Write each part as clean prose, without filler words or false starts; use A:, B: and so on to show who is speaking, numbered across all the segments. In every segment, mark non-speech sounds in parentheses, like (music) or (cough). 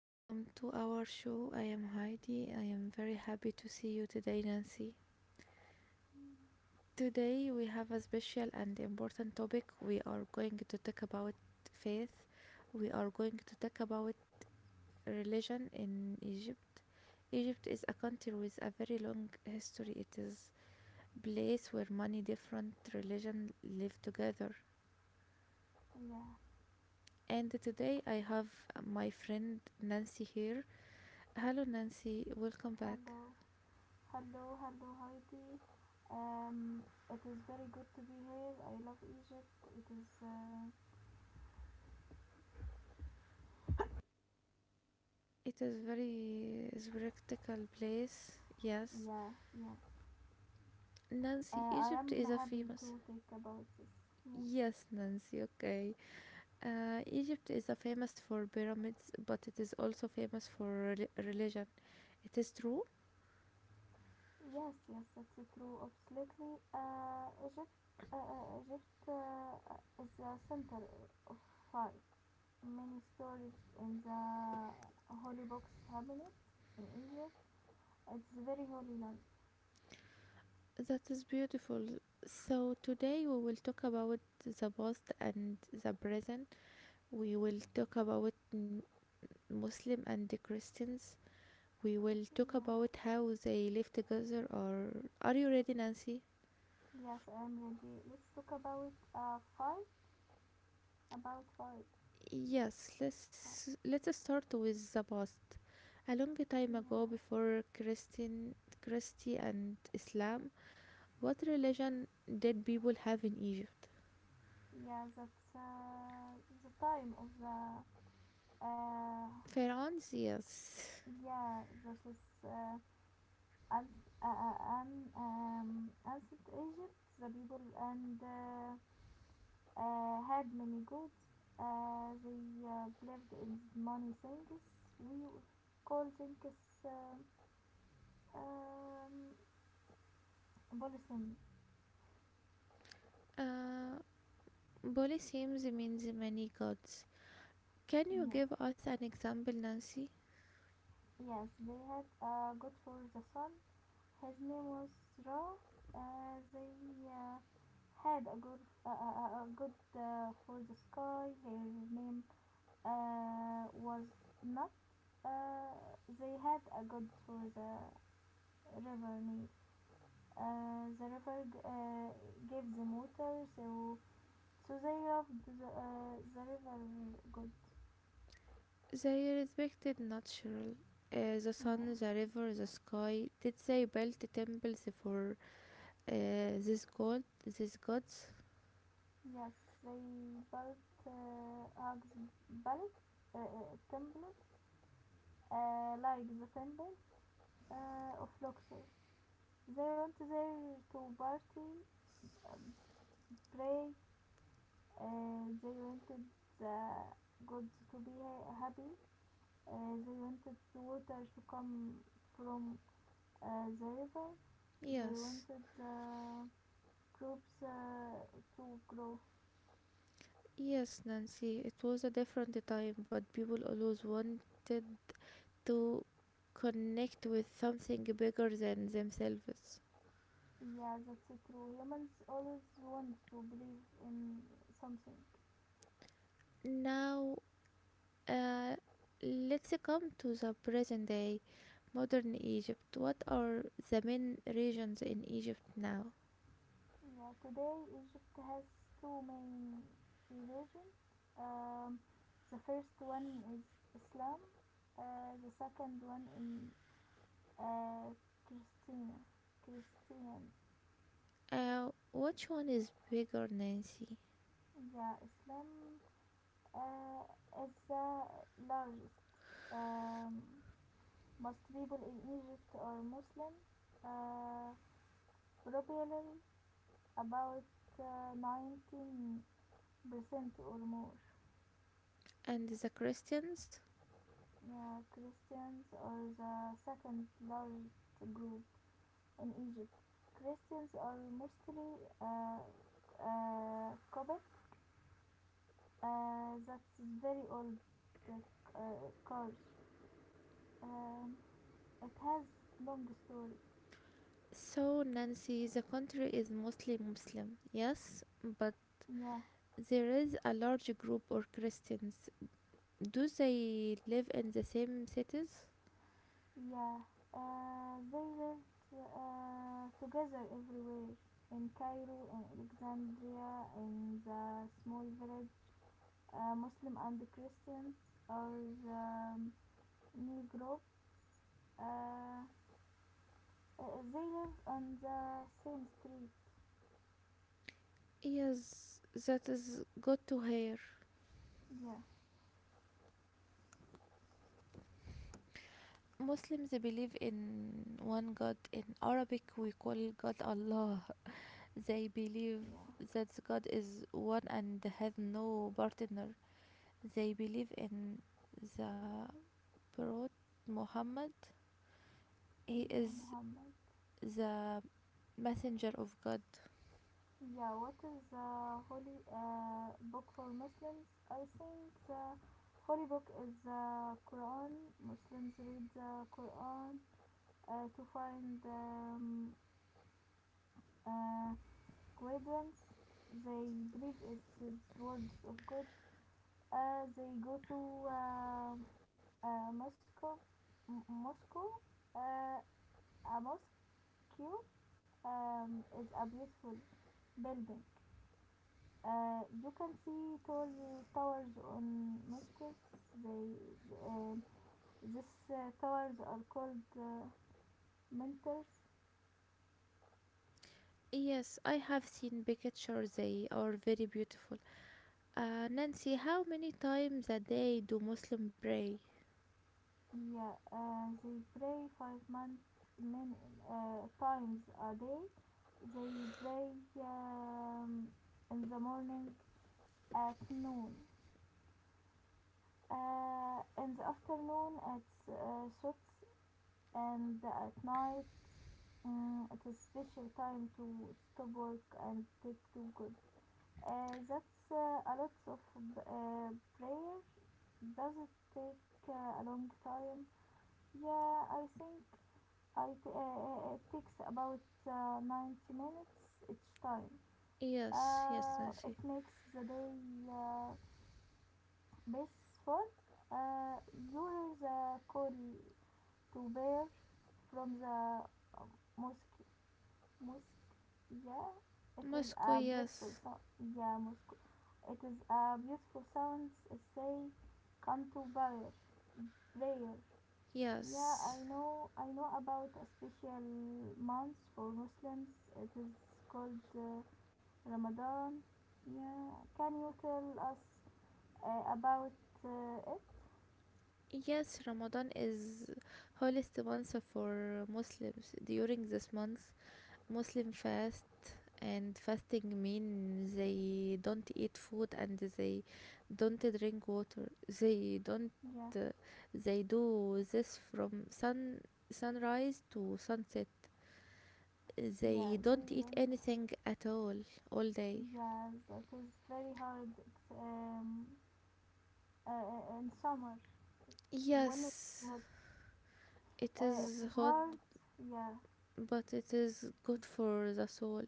A: welcome to our show. I am Heidi. I am very happy to see you today, Nancy.
B: Yeah,
A: Today we have a special and important topic. We are going to talk about faith. We are going to talk about religion in Egypt. Egypt is a country with a very long history. It is a place where many different religions live together. And today I have my friend Nancy here. Hello Nancy, welcome back.
B: hello, hello, hello, Heidi. Um, it is very good to be here. I love Egypt.
A: It is very is practical place. Yes.
B: Yeah, yeah.
A: Nancy,
B: I
A: Egypt
B: am
A: is a
B: happy
A: famous.
B: to think about this. Yeah,
A: Yes, Nancy, okay. Egypt is a famous for pyramids, but it is also famous for religion. It is true?
B: yes, yes, that's true. Absolutely. Egypt is the center of fight. Many stories in the holy books happen in Egypt. It's very holy land.
A: That is beautiful. So today we will talk about the past and the present. We will talk about Muslim and the Christians. We will talk
B: Yeah.
A: about how they live together or are you ready, Nancy?
B: Yes, I am ready. Let's talk about fight. About fight.
A: Yes,
B: Fight.
A: let's start with the past. A long
B: Yeah,
A: time ago, before Christian, Christi and Islam, what religion did people have in Egypt?
B: yeah. That's the time of the, uh,
A: Pharaohs, yes.
B: yeah. That is as, uh, uh, an ancient Egypt. The people and, had many goods. They believed in money things. We call things, um, um, polythene.
A: Uh, Polytheism means many gods. Can you
B: Yeah.
A: give us an example, Nancy?
B: Yes, they had a god for the sun. His name was Ra. They had a god, a god for the sky. His name, was Nut. Uh, they had a god for the river Nile. The river gave them water, so they loved the river god.
A: They respected natural, the
B: Yeah.
A: sun, the river, the sky. Did they build temples for these god, these gods?
B: Yes, they built, Ags Balik, temple, like the temple of Luxor. They went there to party, uh, pray. They wanted the gods to be happy. They wanted the water to come from the river. They
A: Yes.
B: wanted the crops to grow.
A: Yes, Nancy, it was a different time, but people always wanted to connect with something bigger than themselves.
B: Yeah, that's true. Humans always want to believe in something.
A: Now, uh, let's come to the present day, modern Egypt. What are the main regions in Egypt now?
B: Yeah, today Egypt has two main religions. Um, the first one is Islam. The second one in, uh, Christian. Christian.
A: Which one is bigger, Nancy?
B: Yeah, Islam, uh, is the largest. Um, most people in Egypt are Muslim. Uh, popularly about 19% or more.
A: And the Christians?
B: Yeah, Christians are the second largest group in Egypt. Christians are mostly, Coptic. That's very old uh, culture. Um, it has long story.
A: So, Nancy, the country is mostly Muslim, yes, but
B: Yeah.
A: there is a large group of Christians. Do they live in the same cities?
B: Yeah, they lived together everywhere, in Cairo, in Alexandria, in the small village. Muslim and Christians or, um, Negro. Uh, they live on the same street.
A: Yes, that is good to hear.
B: Yeah,
A: Muslims believe in one God. In Arabic, we call God Allah. They believe
B: yeah,
A: that God is one and has no partner. They believe in the Prophet Muhammad. He
B: yeah,
A: is
B: Muhammad.
A: the messenger of God.
B: Yeah, what is the holy book for Muslims? I think the holy book is the Quran. Muslims read the Quran to find, uh, guidance. They believe it's the words of God. They go to Moscow. Moscow. Uh, a mosque, is a beautiful building. You can see tall towers on mosques. They, uh, these towers are called, mentors.
A: Yes, I have seen pictures. They are very beautiful. Nancy, how many times a day do Muslim pray?
B: Yeah, they pray 5 months, min, times a day. They pray, um, in the morning, at noon, in the afternoon at shots, and at night. It's a special time to stop work and take to God. That's a lot of uh, prayer. Does it take a long time? Yeah, I think it takes about 90 minutes each time.
A: Yes, yes,
B: It
A: Nancy.
B: makes the day, uh, blissful. You hear the call to bear from the, um, mosque. Mosque, yeah. It is
A: Moscow,
B: a beautiful
A: yes,
B: sound. Yeah, mosque. It is a beautiful sound. It say, come to prayer. Prayer. Yeah,
A: yes.
B: I know. I know about a special month for Muslims. It is called, Ramadan. Yeah, can you tell us about it?
A: Yes, Ramadan is holiest month for Muslims. During this month, Muslim fast and fasting means they don't eat food and they don't drink water. They don't.
B: Yeah,
A: Uh, they do this from sunrise to sunset.
B: yeah,
A: They
B: they
A: don't eat
B: don't.
A: anything at all day.
B: Yes, it is very hard. It's in summer when it's
A: Yes,
B: hot.
A: it
B: uh,
A: is
B: it is
A: hot,
B: hard. Yeah,
A: but it is good for the soul.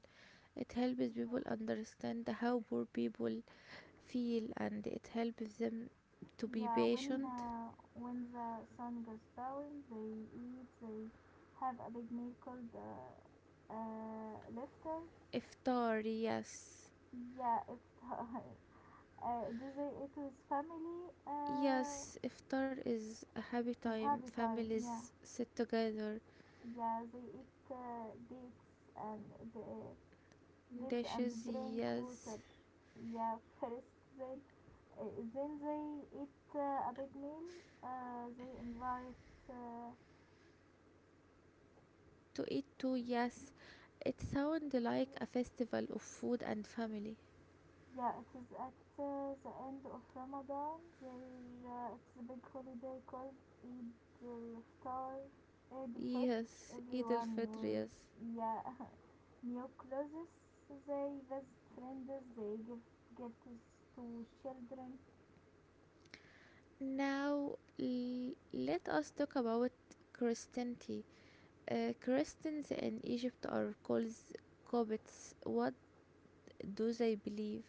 A: It helps people understand how poor people feel and it helps them to be
B: Yeah, when
A: patient.
B: uh, when the sun goes down, they eat. They have a big meal called, lifter.
A: Iftar, yes.
B: Yeah, iftar. (laughs) Do they eat with family?
A: Yes, iftar is a happy
B: It's
A: time.
B: happy time. Yeah,
A: Families sit together.
B: yeah. They eat dates and the dates and
A: Dishes,
B: drink
A: yes.
B: water. Yeah, (laughs) first they, uh, then they eat a big meal. They invite.
A: To eat too, yes. It sounds like a festival of food and family.
B: Yeah, it is at the end of Ramadan. It's a big holiday called Eid al-Fitr. Eid al-Fitr.
A: Yes, Eid
B: Everyone
A: al-Fitr,
B: wears,
A: yes.
B: yeah, (laughs) new clothes. They visit friends. They give gifts to children.
A: Now, let us talk about Christianity. Christians in Egypt are called Copts. What do they believe?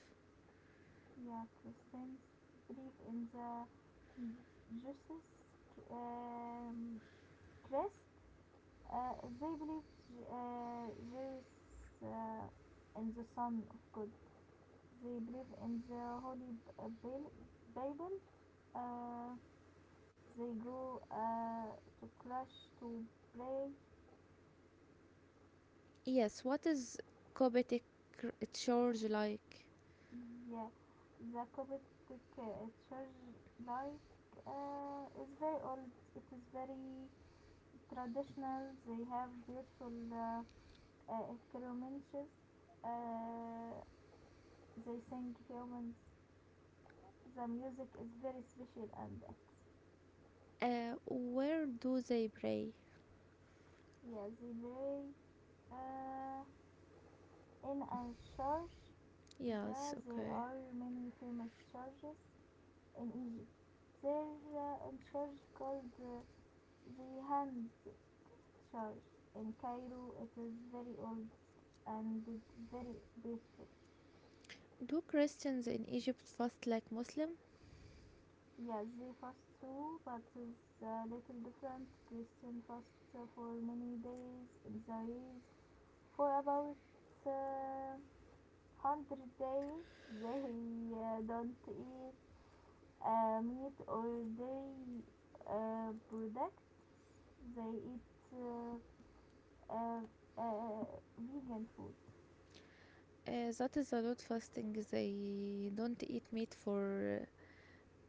B: Yeah, Christians believe in the Jesus, um, Christ. Uh, they believe, Jesus, uh, in the Son of God. They believe in the Holy Bible. Uh, they go to church to pray.
A: Yes, what is Coptic church like?
B: Yeah, the Coptic uh, church like is very old. It is very traditional. They have beautiful, ceremonies. Uh, they sing hymns. The music is very special and
A: Where do they pray?
B: yeah, they very, uh, in a church. Yeah,
A: Yes,
B: there
A: okay.
B: are many famous churches in Egypt. There is a church called the Hand Church in Cairo. It is very old and very beautiful.
A: Do Christians in Egypt fast like Muslim?
B: Yes, they fast too, but it's a little different. Christian fast for many days in the year for about uh, 100 days. (laughs) They don't eat meat or dairy products. They eat, uh, uh, vegan food.
A: That is a lot fasting. They don't eat meat for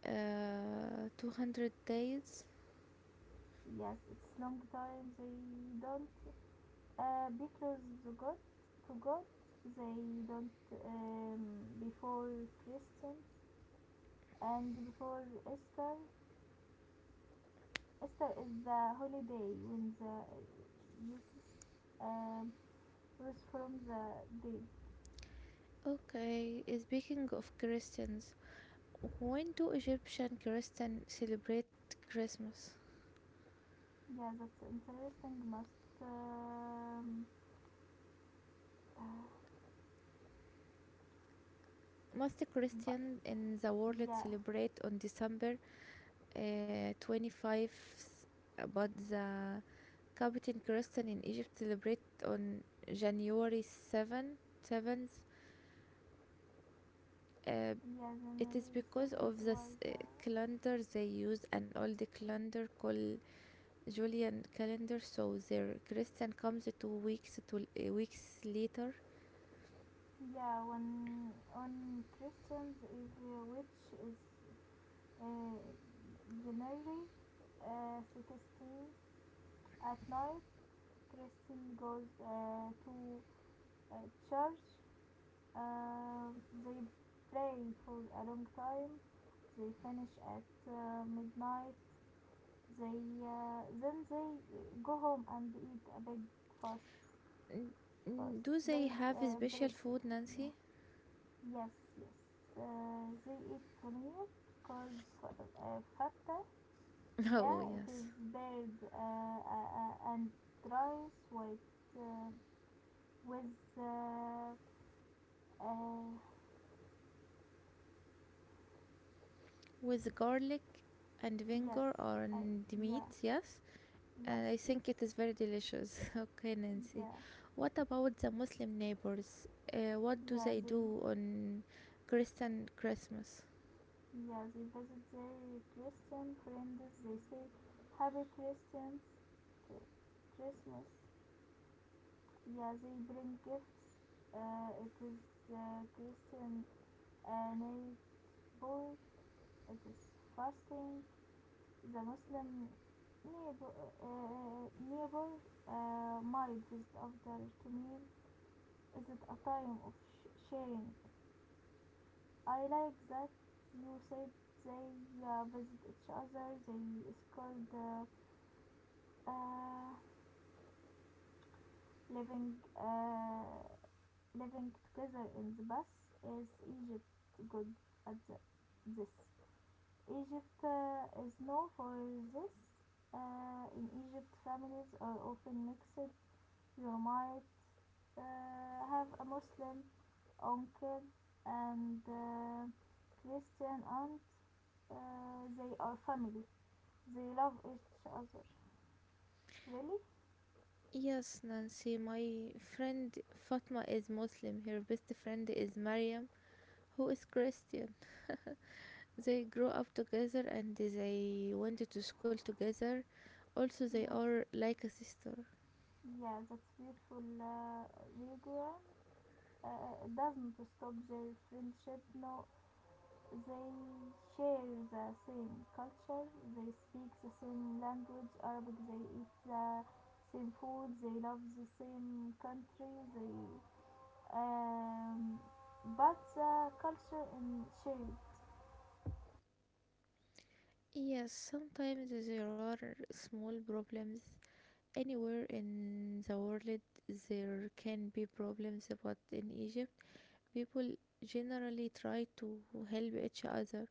A: 200 days.
B: Yes, it's long time they don't, be close to God. They don't, um, before Christians and before Easter. Easter is the holiday when the Jesus um rose from the dead.
A: Okay, speaking of Christians, when do Egyptian Christians celebrate Christmas?
B: Yeah, that's interesting. Must, uh,
A: Most
B: but
A: Christians in the world
B: yeah,
A: celebrate on December 25th, but the Coptic Christian in Egypt celebrate on January 7, 7th. Uh,
B: yeah.
A: it is
B: January
A: because
B: seventh
A: of the
B: was,
A: calendar they use, an old calendar called Julian calendar, so their Christian comes 2 weeks to weeks later.
B: yeah, when on Christians is, which is, uh, January, 16 at night. Christian goes to church. Uh, they pray for a long time. They finish at midnight. They then they go home and eat a big fast
A: N-
B: fast.
A: Do they
B: They
A: have
B: uh,
A: special
B: break.
A: food,
B: Yeah.
A: Nancy?
B: Yes, yes. They eat paneer called fatta.
A: (laughs) Oh
B: Yeah, it is
A: yes,
B: baked, and rice uh, with uh,
A: with garlic and
B: yes,
A: vinegar
B: I,
A: and meat,
B: yeah,
A: yes. And
B: yes,
A: I
B: yes,
A: think it is very delicious. (laughs) Okay,
B: yeah,
A: Nancy. What about the Muslim neighbors? What do
B: yeah.
A: they
B: They.
A: do on Christian Christmas?
B: Yeah, they visit their Christian friends. They say, Happy Christians, Christmas. Yeah, they bring gifts. It is the Christian uh, neighbor. It is fasting. The Muslim neighbor, neighbor might visit after to meal. Is it a time of sharing? I like that you said they visit each other. They is called, uh, living uh, living together in the bus is Egypt good at this. Egypt is known for this. In Egypt, families are often mixed. You might have a Muslim uncle and Christian aunt. They are family. They love each other. Really?
A: Yes, Nancy, my friend Fatma is Muslim. Her best friend is Mariam who is Christian. They grew up together and they went to school together. Also, they
B: Yes.
A: are like a sister.
B: Yeah, that's beautiful. Ligua doesn't stop their friendship. No, they share the same culture. They speak the same language, Arabic. They eat the same food. They love the same country. They, um, but the culture in shared.
A: Yes, sometimes there are small problems. Anywhere in the world, there can be problems, but in Egypt, people generally try to help each other.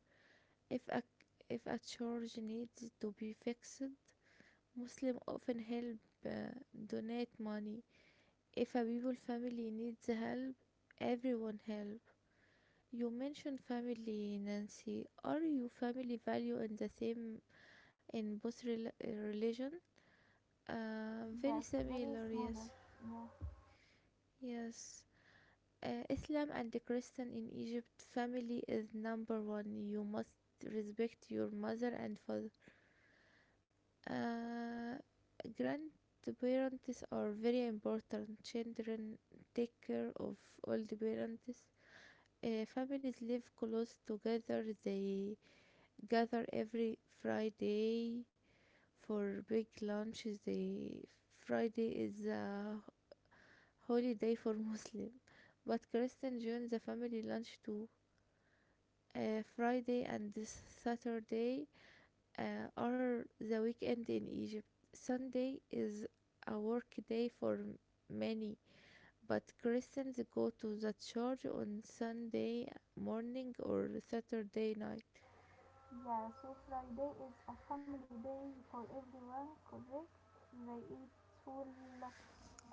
A: If a if a church needs to be fixed, Muslims often help donate money. If a people family needs help, everyone help. You mentioned family, Nancy. Are you family value in the same in both religion? Very
B: Yes, very
A: similar,
B: smaller.
A: yes.
B: Yeah,
A: Yes. Islam and the Christian in Egypt, family is number one. You must respect your mother and father. Uh, grandparents are very important. Children take care of all the parents. Families live close together. They gather every Friday for big lunch. The Friday is a holiday for (laughs) Muslim, but Christian join the family lunch too. Friday and this Saturday are the weekend in Egypt. Sunday is a work day for many, but Christians go to the church on Sunday morning or Saturday night.
B: yeah. So Friday is a family day for everyone. Correct. They eat full,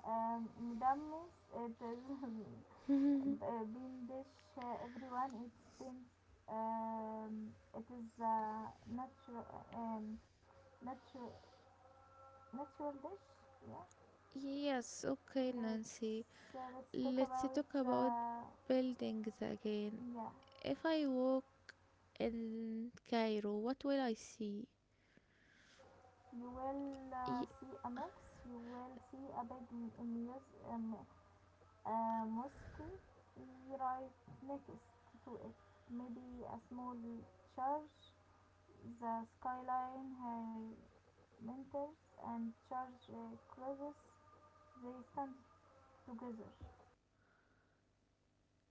B: مدمس it is
A: (laughs)
B: (laughs) بيندش everyone it spins, it is a natural um, natural natural dish, yeah.
A: Yes, okay, Nancy.
B: Let's uh, let's talk
A: Let's
B: about
A: talk
B: the.
A: about buildings again.
B: Yeah,
A: If I walk in Cairo, what will I see?
B: you will
A: Y-
B: see a mix. You will see a big muse. Mus um, mosque, right next to it, maybe a small church. The skyline, her mentors, and Charge, Closes, they stand together.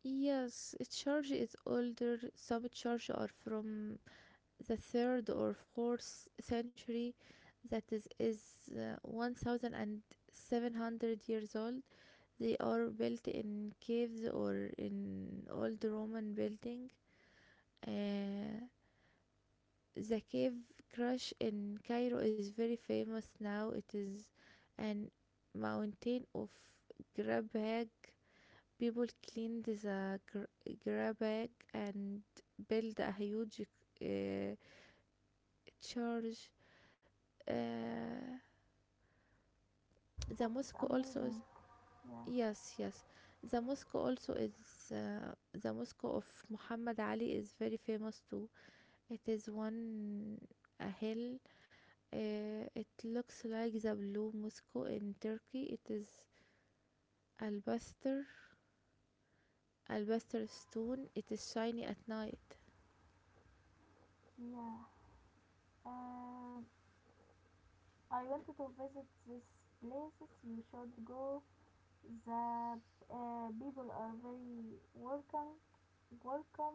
A: yes, a church is older. Some church are from the third or fourth century. That is 1,700 years old. They are built in caves or in old Roman building. Uh, the cave crush in Cairo is very famous now. It is an mountain of grabag. People cleaned the grabag and build a huge uh, church. Uh, the
B: That is
A: mosque also.
B: amazing. Yeah,
A: Yes, yes. The mosque also is the mosque of Muhammad Ali is very famous too. It is one a hill. It looks like the blue mosque in Turkey. It is alabaster, alabaster stone. It is shiny at night.
B: yeah. Um, I wanted to visit these places. You should go. The people are very welcome. Welcome.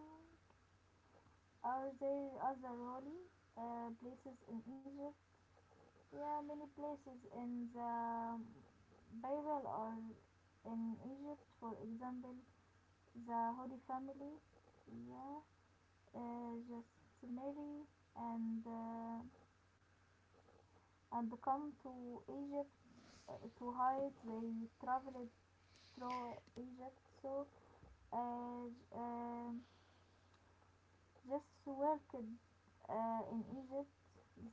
B: Are there other holy places in Egypt? Yeah, many places in the Bible or in Egypt, for example, the Holy Family, yeah, just marry and uh, and come to Egypt to hide. They traveled through Egypt, so, uh, j- um just worked in Egypt.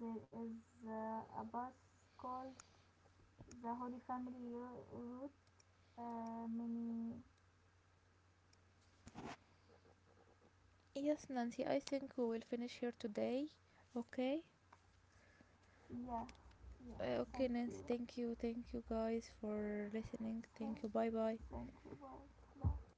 B: There is a bus called the Holy Family Route. Many,
A: Yes, Nancy. I think we will finish here today. Okay.
B: yeah, yeah,
A: Okay,
B: thank
A: Nancy.
B: you.
A: Thank you. Thank you guys for listening.
B: Thank,
A: Thank you. Bye bye.
B: thank you, bye, bye.